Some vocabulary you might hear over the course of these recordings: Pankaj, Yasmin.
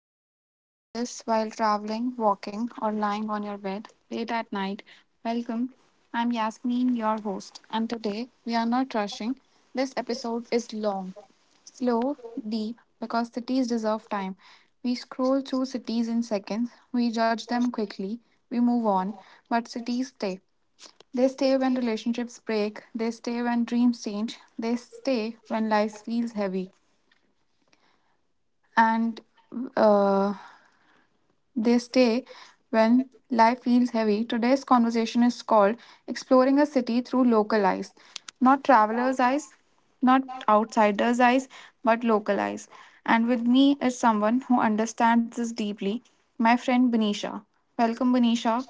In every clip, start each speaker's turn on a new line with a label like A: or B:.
A: If you are listening to this while traveling, walking, or lying on your bed late at night, welcome. I'm Yasmin, your host, and today we are not rushing. This episode is long, slow, deep, because cities deserve time. We scroll through cities in seconds, we judge them quickly, we move on, but
B: Thank
A: cities stay. They stay when relationships break, they stay when dreams change, they stay when life feels heavy. And uh, They stay when life feels heavy. Today's conversation is called Exploring a City Through Local Eyes. Not traveler's eyes, not outsider's eyes, but local eyes. And with me is someone who understands this deeply, my friend Benisha. Welcome, Benisha.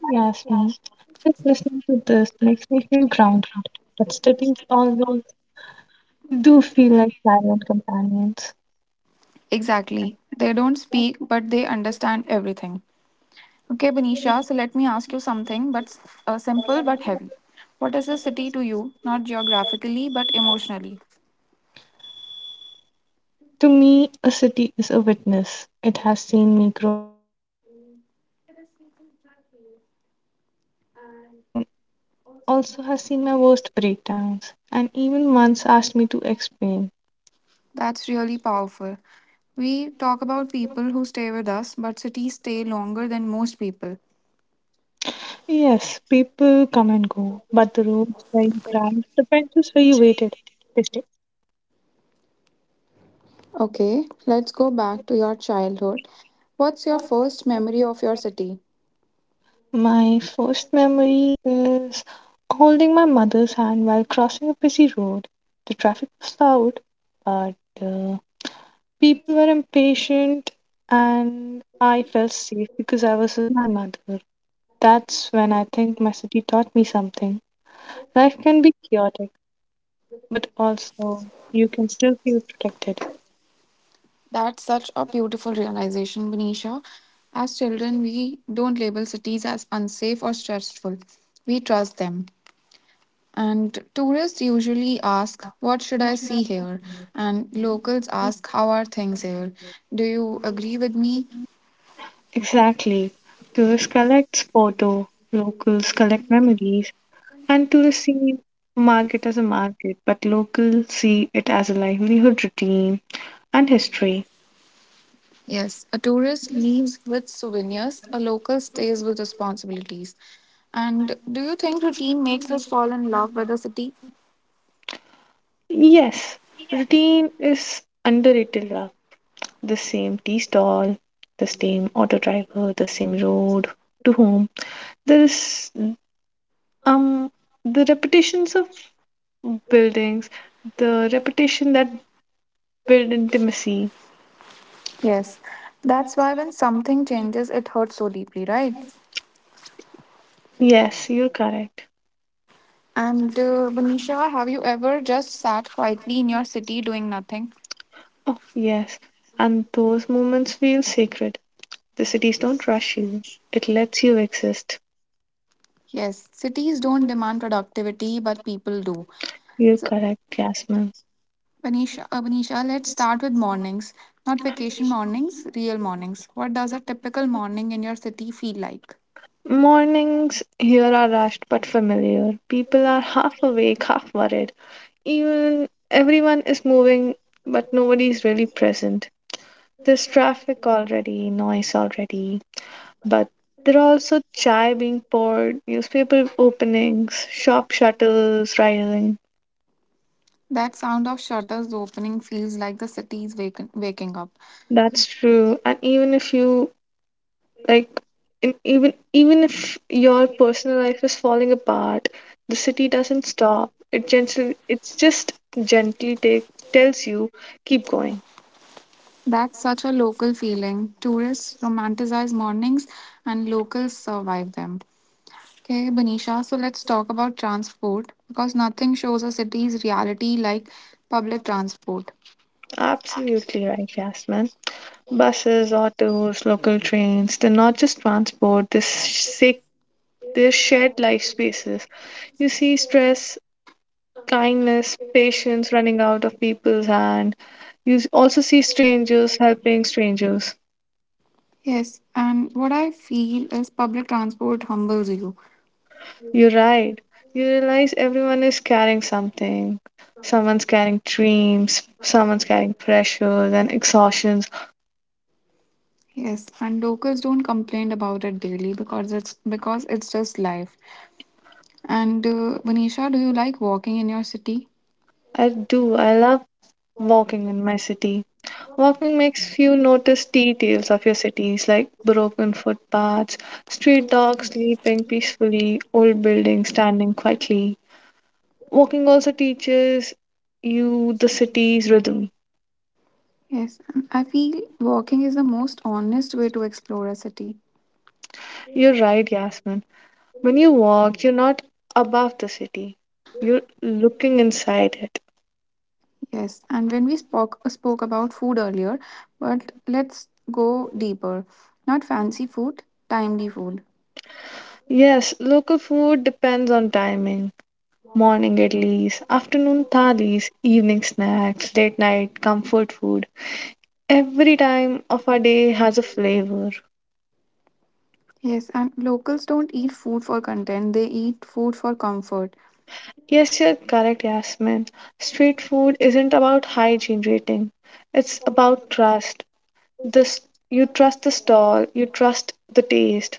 B: you, Yasmin. Just listening to this makes me feel grounded, but studies always do feel like silent companions.
A: Exactly. They don't speak, but they understand everything. Okay, Benisha, so let me ask you something, but simple but heavy. What is a city to you, not geographically, but emotionally?
B: To me, a city is a witness. It has seen me grow without interrupting me. It has seen me happiest and also has seen my worst breakdowns, and even once asked me to explain.
A: That's really powerful. We talk about people who stay with us, but cities stay longer than most people.
B: Yes, people come and go, but the roads where you cried, the benches where you waited, they stay.
A: Okay, let's go back to your childhood. What's your first memory of your city?
B: My first memory is holding my mother's hand while crossing a busy road. The traffic was loud, but uh, people were impatient and I felt safe because I was with my mother. That's when I think my city taught me something. Life can be chaotic, but also you can still feel protected.
A: That's such a beautiful realization, Benisha. As children, we don't label cities as unsafe or stressful. We trust them. And tourists usually ask, what should I see here? And locals ask, how are things here? Do you agree with me?
B: Exactly. Tourists collect photo, locals collect memories, and tourists see market as a market, but locals see it as a livelihood routine and history.
A: Yes, a tourist leaves with souvenirs, a local stays with responsibilities. And do you think routine makes us fall in love with a city?
B: Yes, routine is underrated love. The same tea stall, the same auto driver, the same road to home. There is um the repetitions of buildings, the repetition that build intimacy.
A: Yes, that's why when something changes, it hurts so deeply, right?
B: Yes, you're correct.
A: And Banisha, have you ever just sat quietly in your city doing nothing?
B: Oh, yes. And those moments feel sacred. The cities don't rush you. It lets you exist.
A: Yes, cities don't demand productivity, but people do.
B: You're
A: So,
B: correct, Jasmine.
A: Banisha, Banisha, let's start with mornings, not vacation mornings, real mornings. What does a typical morning in your city feel like?
B: Mornings here are rushed but familiar. People are half awake, half worried. Even everyone is moving, but nobody is really present. There's traffic already, noise already, but there are also chai being poured, newspaper openings, shop shuttles rising.
A: That sound of shutters opening feels like the city's waking up.
B: That's true. And even if you like in, even if your personal life is falling apart, the city doesn't stop it gently, it's just gently take, tells you keep going.
A: That's such a local feeling. Tourists romanticize mornings and locals survive them. Okay, Banisha, so let's talk about transport because nothing shows a city's reality like public transport.
B: Absolutely right, Yasmin. Buses, autos, local trains, they're not just transport, they're, sick, they're shared life spaces. You see stress, kindness, patience running out of people's hand. You also see strangers helping strangers.
A: Yes, and what I feel is public transport humbles you.
B: You're right. You realize everyone is carrying something. Someone's carrying dreams, someone's carrying pressures and exhaustions.
A: Yes, and locals don't complain about it daily because it's just life. And Manisha, do you like walking in your city?
B: I do. I love walking in my city. Walking makes you notice details of your cities like broken footpaths, street dogs sleeping peacefully, old buildings standing quietly. Walking also teaches you the city's rhythm.
A: Yes, and I feel walking is the most honest way to explore a city.
B: You're right, Yasmin. When you walk, you're not above the city, you're looking inside it.
A: Yes, and when we spoke about food earlier, but let's go deeper. Not fancy food, timely food.
B: Yes, local food depends on timing. Morning idlis, afternoon thalis, evening snacks, late night comfort food. Every time of our day has a flavor.
A: Yes, and locals don't eat food for content, they eat food for comfort.
B: Yes, you're correct, Yasmin. Street food isn't about hygiene rating. It's about trust. This you trust the stall, you trust the taste.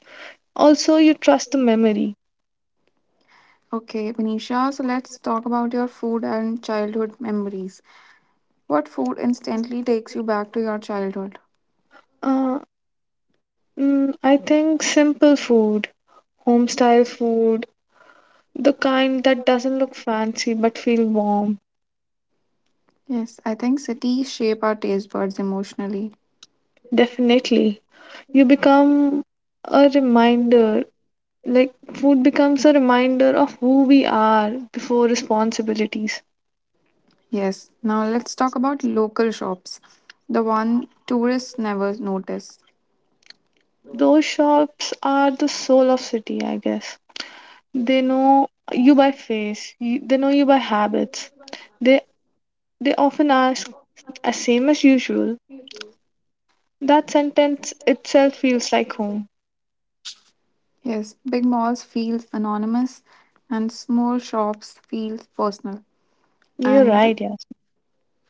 B: Also, you trust the memory.
A: Okay, Manisha, so let's talk about your food and childhood memories. What food instantly takes you back to your childhood?
B: Uh, I think simple food, home style food, the kind that doesn't look fancy but feel warm.
A: Yes, I think cities shape our taste buds emotionally.
B: Definitely. You become a reminder, like food becomes a reminder of who we are before responsibilities.
A: Yes, now let's talk about local shops, the one tourists never notice.
B: Those shops are the soul of city, I guess. They know you by face, you, they know you by habits. They they often ask as same as usual. That sentence itself feels like home.
A: Yes, big malls feels anonymous and small shops feels personal.
B: You're
A: And
B: right, yes.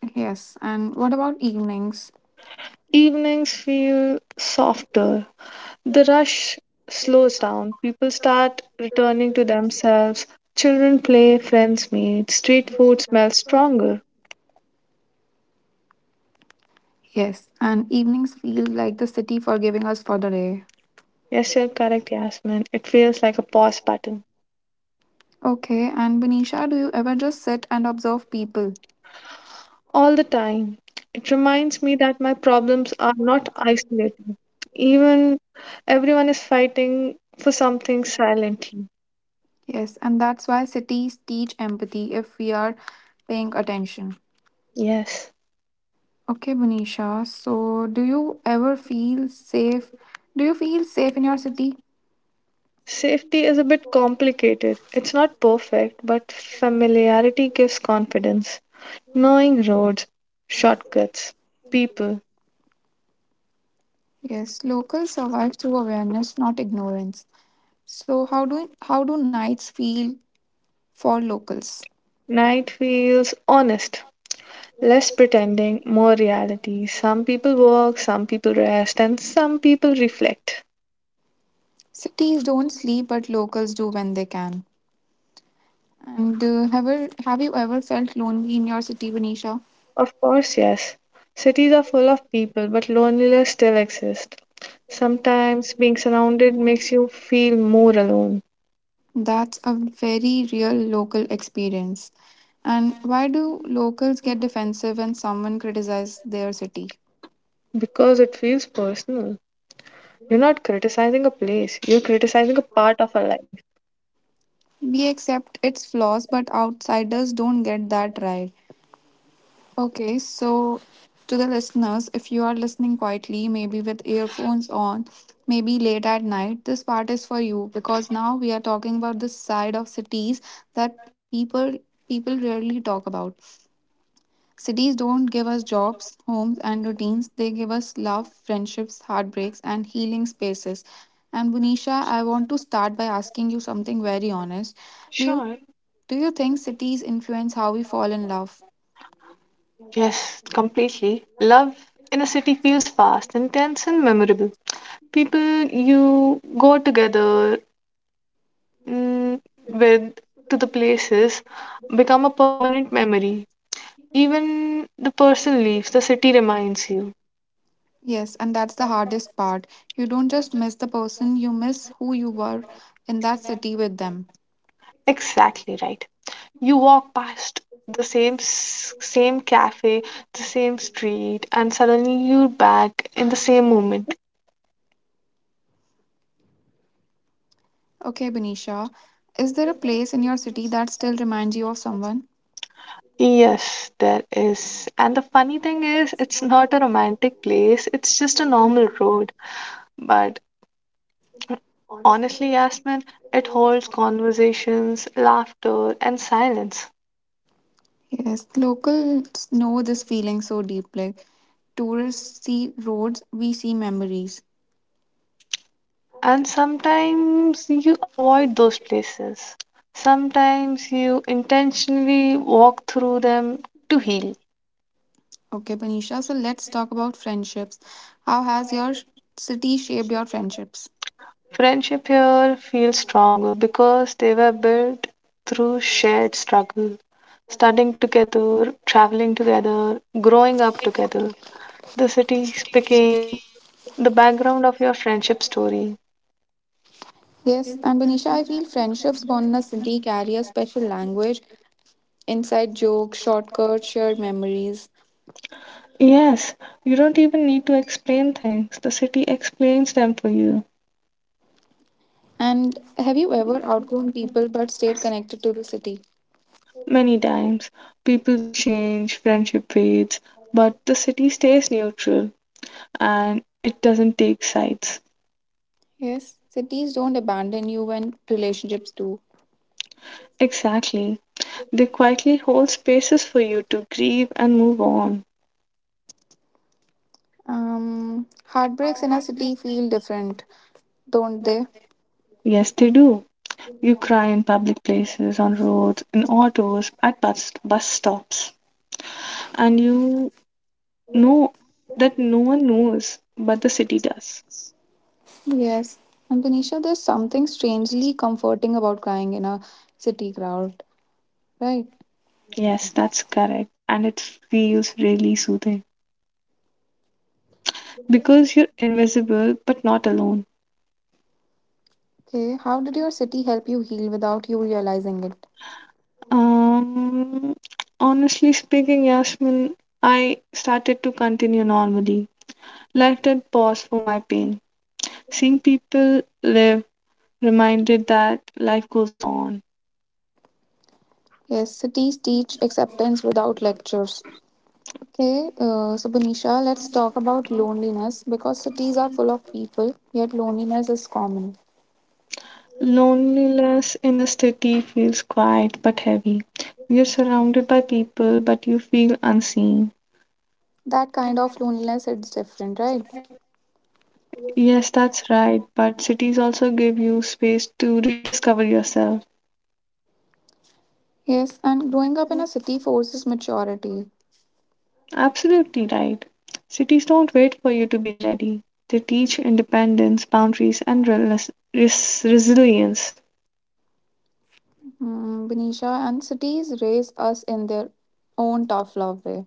A: yes, and what about evenings?
B: Evenings feel softer. The rush slows down. People start returning to themselves. Children play, friends meet, street food smells stronger.
A: Yes, and evenings feel like the city forgiving us for the day.
B: Yes, you're correct, Yasmin. It feels like a pause button.
A: Okay, and Benisha, do you ever just sit and observe people?
B: All the time. It reminds me that my problems are not isolated. Even everyone is fighting for something silently.
A: Yes, and that's why cities teach empathy if we are paying attention.
B: Yes.
A: Okay, Bunisha. So, do you ever feel safe? Do you feel safe in your city?
B: Safety is a bit complicated. It's not perfect, but familiarity gives confidence. Knowing roads, shortcuts, people,
A: Yes, locals survive through awareness, not ignorance. So, how do nights feel for locals?
B: night feels honest. Less pretending, more reality. Some people work, some people rest, and some people reflect.
A: Cities don't sleep, but locals do when they can. And ever have you ever felt lonely in your city, Venisha?
B: Of course, yes. Cities are full of people, but loneliness still exists. Sometimes being surrounded makes you feel more alone
A: That's a very real local experience. And why do locals get defensive when someone criticizes their city?
B: because it feels personal. You're not criticizing a place, you're criticizing a part of our life.
A: We accept its flaws, but outsiders don't get that right. Okay, so to the listeners, if you are listening quietly, maybe with earphones on, maybe late at night, this part is for you because now we are talking about the side of cities that people rarely talk about. Cities don't give us jobs, homes, and routines. They give us love, friendships, heartbreaks, and healing spaces. And Bunisha, I want to start by asking you something very honest. Do you
B: Sure.
A: do you think cities influence how we fall in love?
B: Yes, completely. Love in a city feels fast, intense, and memorable. People you go together mm, with to the places become a permanent memory. Even the person leaves, the city reminds you.
A: Yes, and that's the hardest part. You don't just miss the person, you miss who you were in that city with them.
B: Exactly right. You walk past the same cafe, the same street, and suddenly you're back in the same moment.
A: Okay, Bunisha, is there a place in your city that still reminds you of someone?
B: Yes, there is. And the funny thing is, it's not a romantic place, it's just a normal road. But honestly, Yasmin, it holds conversations, laughter, and silence.
A: Yes, locals know this feeling so deeply. Tourists see roads, we see memories.
B: And sometimes you avoid those places, sometimes you intentionally walk through them to heal.
A: Okay, Banisha, so let's talk about friendships. How has your city shaped your friendships?
B: Friendship here feels stronger because they were built through shared struggle, studying together, traveling together, growing up together. The cities became the background of your friendship story.
A: Yes, and Banisha, I feel friendships born in a city carry a special language, inside jokes, shortcuts, shared memories.
B: Yes, you don't even need to explain things. The city explains them for you.
A: And have you ever outgrown people but stayed connected to the city?
B: Many times, people change, friendship fades, but the city stays neutral and it doesn't take sides.
A: Yes, cities don't abandon you when relationships do.
B: Exactly. They quietly hold spaces for you to grieve and move on.
A: Heartbreaks in a city feel different, don't they?
B: Yes, they do. You cry in public places, on roads, in autos, at bus stops. And you no, that no one knows, but the city does.
A: Yes. And Tanisha, there's something strangely comforting about crying in a city crowd, right?
B: Yes, that's correct. And it feels really soothing because you're invisible but not alone.
A: Okay, how did your city help you heal without you realizing it?
B: Um, Honestly speaking, Yasmin, I started to continue normally. Life did pause for my pain. Seeing people live reminded that life goes on.
A: Yes, cities teach acceptance without lectures. Okay, so Banisha, let's talk about loneliness because cities are full of people, yet loneliness is common.
B: Loneliness in a city feels quiet but heavy. You're surrounded by people, but you feel unseen.
A: That kind of loneliness it's different, right?
B: Yes, that's right, but cities also give you space to rediscover yourself.
A: Yes, and growing up in a city forces maturity.
B: Absolutely right. Cities don't wait for you to be ready, they teach independence, boundaries, and resilience.
A: Mm, Benisha, and cities raise us in their own tough love way.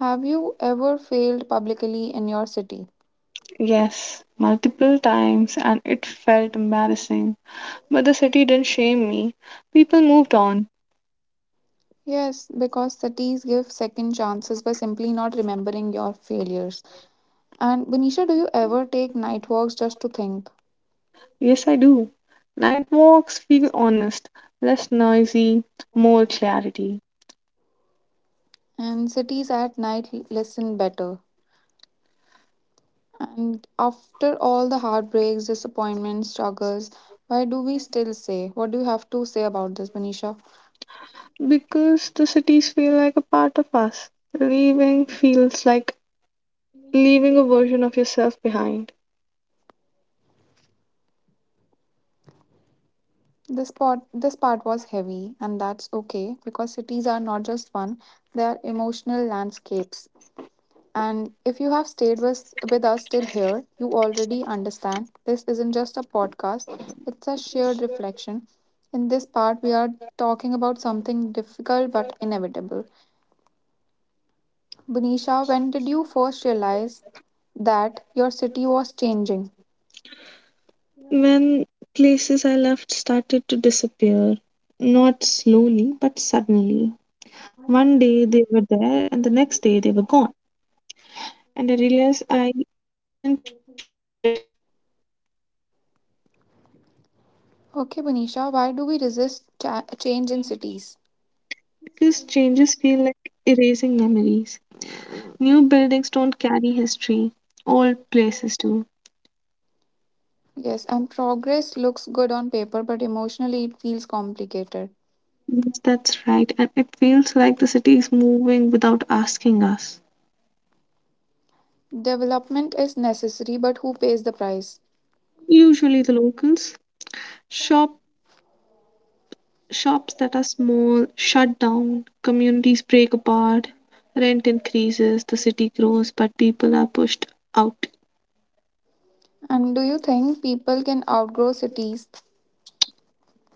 A: Have you ever failed publicly in your city?
B: Yes, multiple times, and it felt embarrassing. But the city didn't shame me. People moved on.
A: Yes, because cities give second chances by simply not remembering your failures. And Benisha, do you ever take night walks just to think?
B: Yes, I do. Night walks feel honest, less noisy, more clarity.
A: And cities at night listen better. And after all the heartbreaks, disappointments, struggles, why do we still say? What do you have to say about this, Benisha?
B: Because the cities feel like a part of us. Leaving feels like leaving a version of yourself behind.
A: This part was heavy, and that's okay because cities are not just fun, they are emotional landscapes. And if you have stayed with us till here, you already understand this isn't just a podcast, it's a shared reflection. In this part, we are talking about something difficult but inevitable. Bunisha, when did you first realize that your city was changing?
B: When places I loved started to disappear, not slowly but suddenly. One day they were there, and the next day they were gone. And I realized I wasn't ready to let it go
A: Okay, Bunisha, why do we resist change in cities?
B: because changes feel like erasing memories. New buildings don't carry history, old places do.
A: Yes, and progress looks good on paper, but emotionally it feels complicated.
B: Yes, that's right, and it feels like the city is moving without asking us.
A: Development is necessary, but who pays the price?
B: Usually, the locals shop shops that are small shut down, communities break apart, rent increases, the city grows, but people are pushed out.
A: And do you think people can outgrow cities?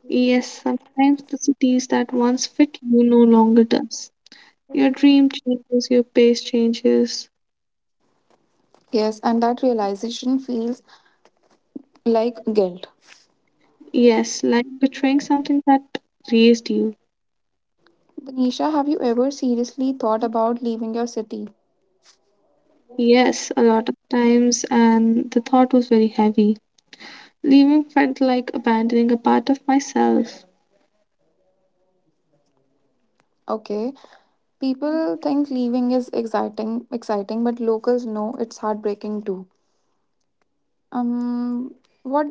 B: Yes, sometimes the cities that once fit you no longer does. Your dream changes, your pace changes.
A: Yes, and that realization feels like guilt.
B: Yes, like betraying something that raised you.
A: Banisha, have you ever seriously thought about leaving your city?
B: Yes, a lot of times, and the thought was very heavy. Leaving felt like abandoning a part of myself.
A: Okay, people think leaving is exciting, but locals know it's heartbreaking too. Um, what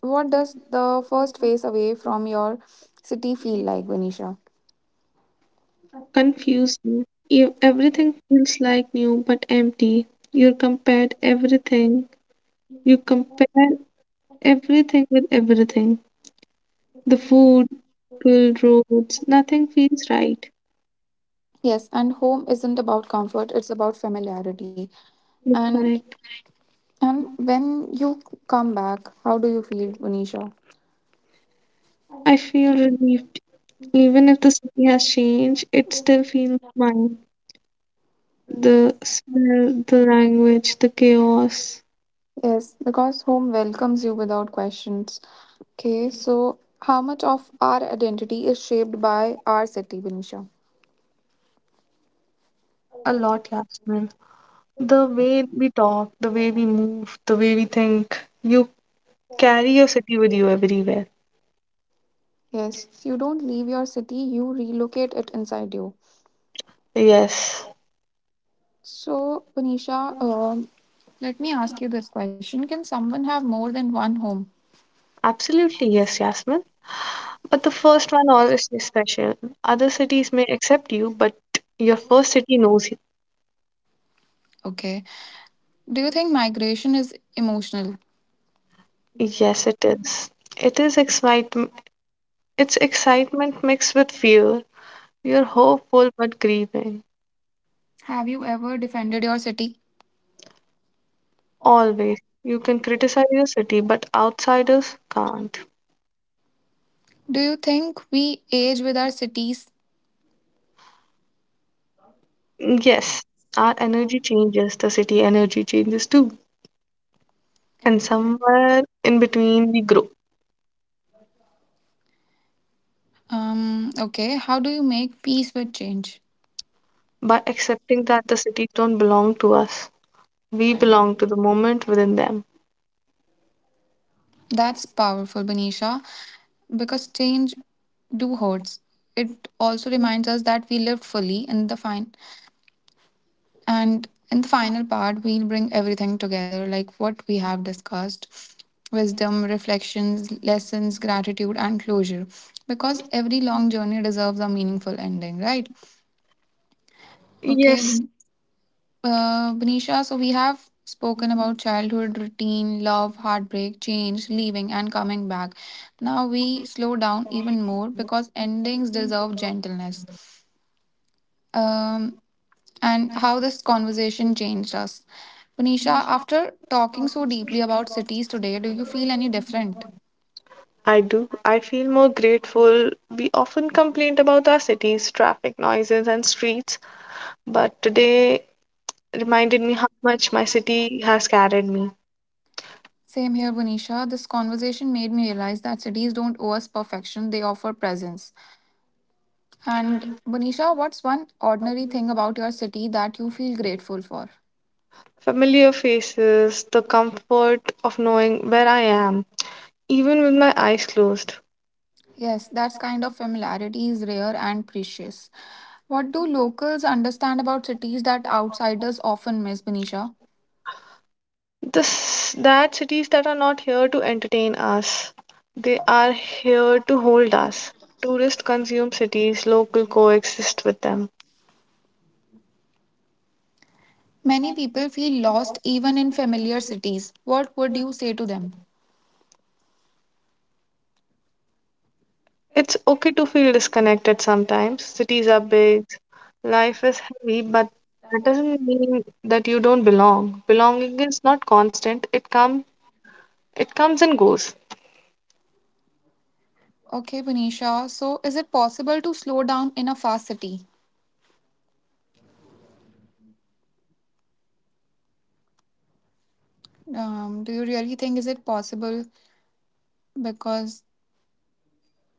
A: what does the first phase away from your city feel like, Venetia?
B: Confusing. You, everything feels like new but empty. You compared everything. You compare everything with everything. The food, people, roads, nothing feels right.
A: Yes, and home isn't about comfort; it's about familiarity.
B: You're
A: And
B: correct.
A: and when you come back, how do you feel, Venetia?
B: I feel relief. Even if the city has changed, it still feels mine. The smell, the language, the chaos.
A: Yes, because home welcomes you without questions. Okay, so how much of our identity is shaped by our city, Venetia?
B: A lot, Yasmin. The way we talk, the way we move, the way we think, you carry your city with you everywhere.
A: Yes, you don't leave your city; you relocate it inside you.
B: Yes,
A: So, Punisha, let me ask you this question. Can someone have more than one home?
B: absolutely, yes, Yasmin. But the first one always is special. Other cities may accept you, but your first city knows you.
A: Okay. Do you think migration is emotional?
B: Yes, it is. It is excitement. It's excitement mixed with fear. You're hopeful but grieving.
A: Have you ever defended your city?
B: Always. You can criticize the city, but outsiders can't.
A: Do you think we age with our cities?
B: Yes, our energy changes, the city energy changes too. And somewhere in between, we grow
A: Okay. How do you make peace with change?
B: by accepting that the cities don't belong to us. We belong to the moment within them.
A: That's powerful, Banisha, because change do hurts. It also reminds us that we lived fully in the fine. And in the final part, we'll bring everything together like what we have discussed wisdom, reflections, lessons, gratitude, and closure. Because every long journey deserves a meaningful ending, right? Okay,
B: Yes,
A: uh, Benisha, so we have spoken about childhood routine, love, heartbreak, change, leaving, and coming back. Now we slow down even more because endings deserve gentleness. um, and how this conversation changed us. Bunisha, after talking so deeply about cities today, do you feel any different?
B: I do. I feel more grateful. We often complain about our cities, traffic noises, and streets, but today reminded me how much my city has carried me.
A: Same here, Bunisha. This conversation made me realize that cities don't owe us perfection, they offer presence. And Bunisha, what's one ordinary thing about your city that you feel grateful for?
B: Familiar faces, the comfort of knowing where I am, even with my eyes closed.
A: Yes, that's kind of familiarity is rare and precious. What do locals understand about cities that outsiders often miss, Bunisha?
B: This, that cities that are not here to entertain us, they are here to hold us. Tourists consume cities, local coexist with them.
C: Many people feel lost even in familiar cities. What would you say to them?
B: It's okay to feel disconnected sometimes. Cities are big, life is heavy, but that doesn't mean that you don't belong. Belonging is not constant. It comes and goes.
C: Okay, Vinisha. So, is it possible to slow down in a fast city? Do you really think is it possible? Because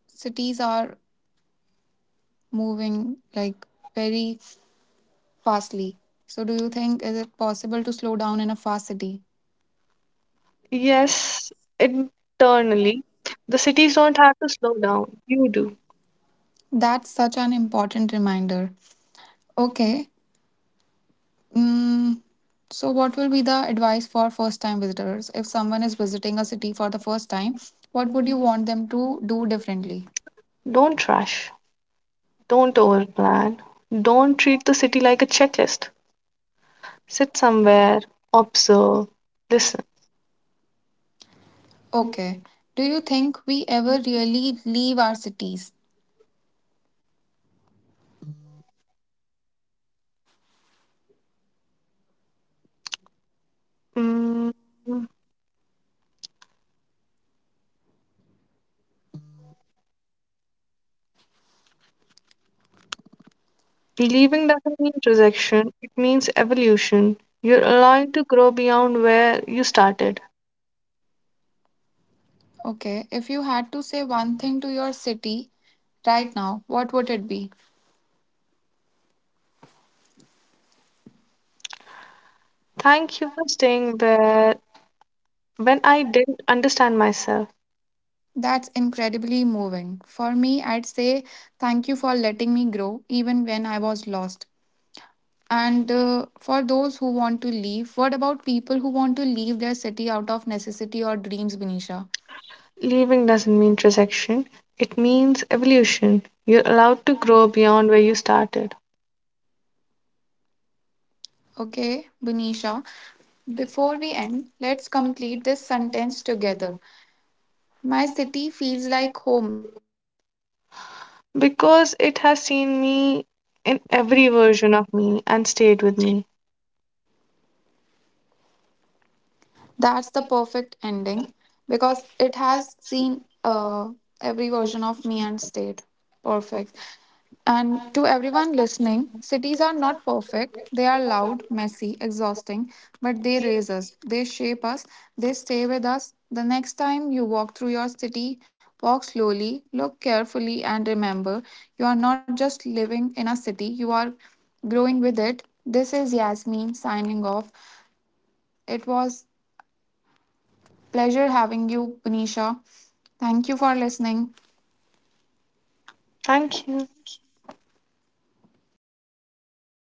C: cities are moving like very fastly. So, do you think is it possible to slow down in a fast city?
B: Yes, internally. The cities don't have to slow down. You do.
C: That's such an important reminder. Okay. Mm, so, what will be the advice for first time visitors? If someone is visiting a city for the first time, what would you want them to do differently?
B: Don't rush. Don't overplan. Don't treat the city like a checklist. Sit somewhere, observe, listen.
C: Okay. Do you think we ever really leave our cities?
B: Mm, Leaving doesn't mean rejection, it means evolution. You're allowing to grow beyond where you started.
C: Okay. If you had to say one thing to your city right now, what would it be?
B: Thank you for staying where when I didn't understand myself.
C: That's incredibly moving. For me, I'd say thank you for letting me grow even when I was lost. And for those who want to leave, what about people who want to leave their city out of necessity or dreams, Benisha?
B: Leaving doesn't mean rejection, it means evolution. You're allowed to grow beyond where you started.
C: Okay, Benisha, before we end, let's complete this sentence together. My city feels like home
B: Because it has seen me in every version of me and stayed with me.
D: That's the perfect ending because it has seen every version of me and stayed perfect. And to everyone listening, cities are not perfect. They are loud, messy, exhausting, but they raise us, they shape us, they stay with us. The next time you walk through your city, walk slowly, look carefully, and remember you are not just living in a city, you are growing with it. This is Yasmin signing off. It was pleasure having you, Punisha. Thank you for listening.
B: Thank you.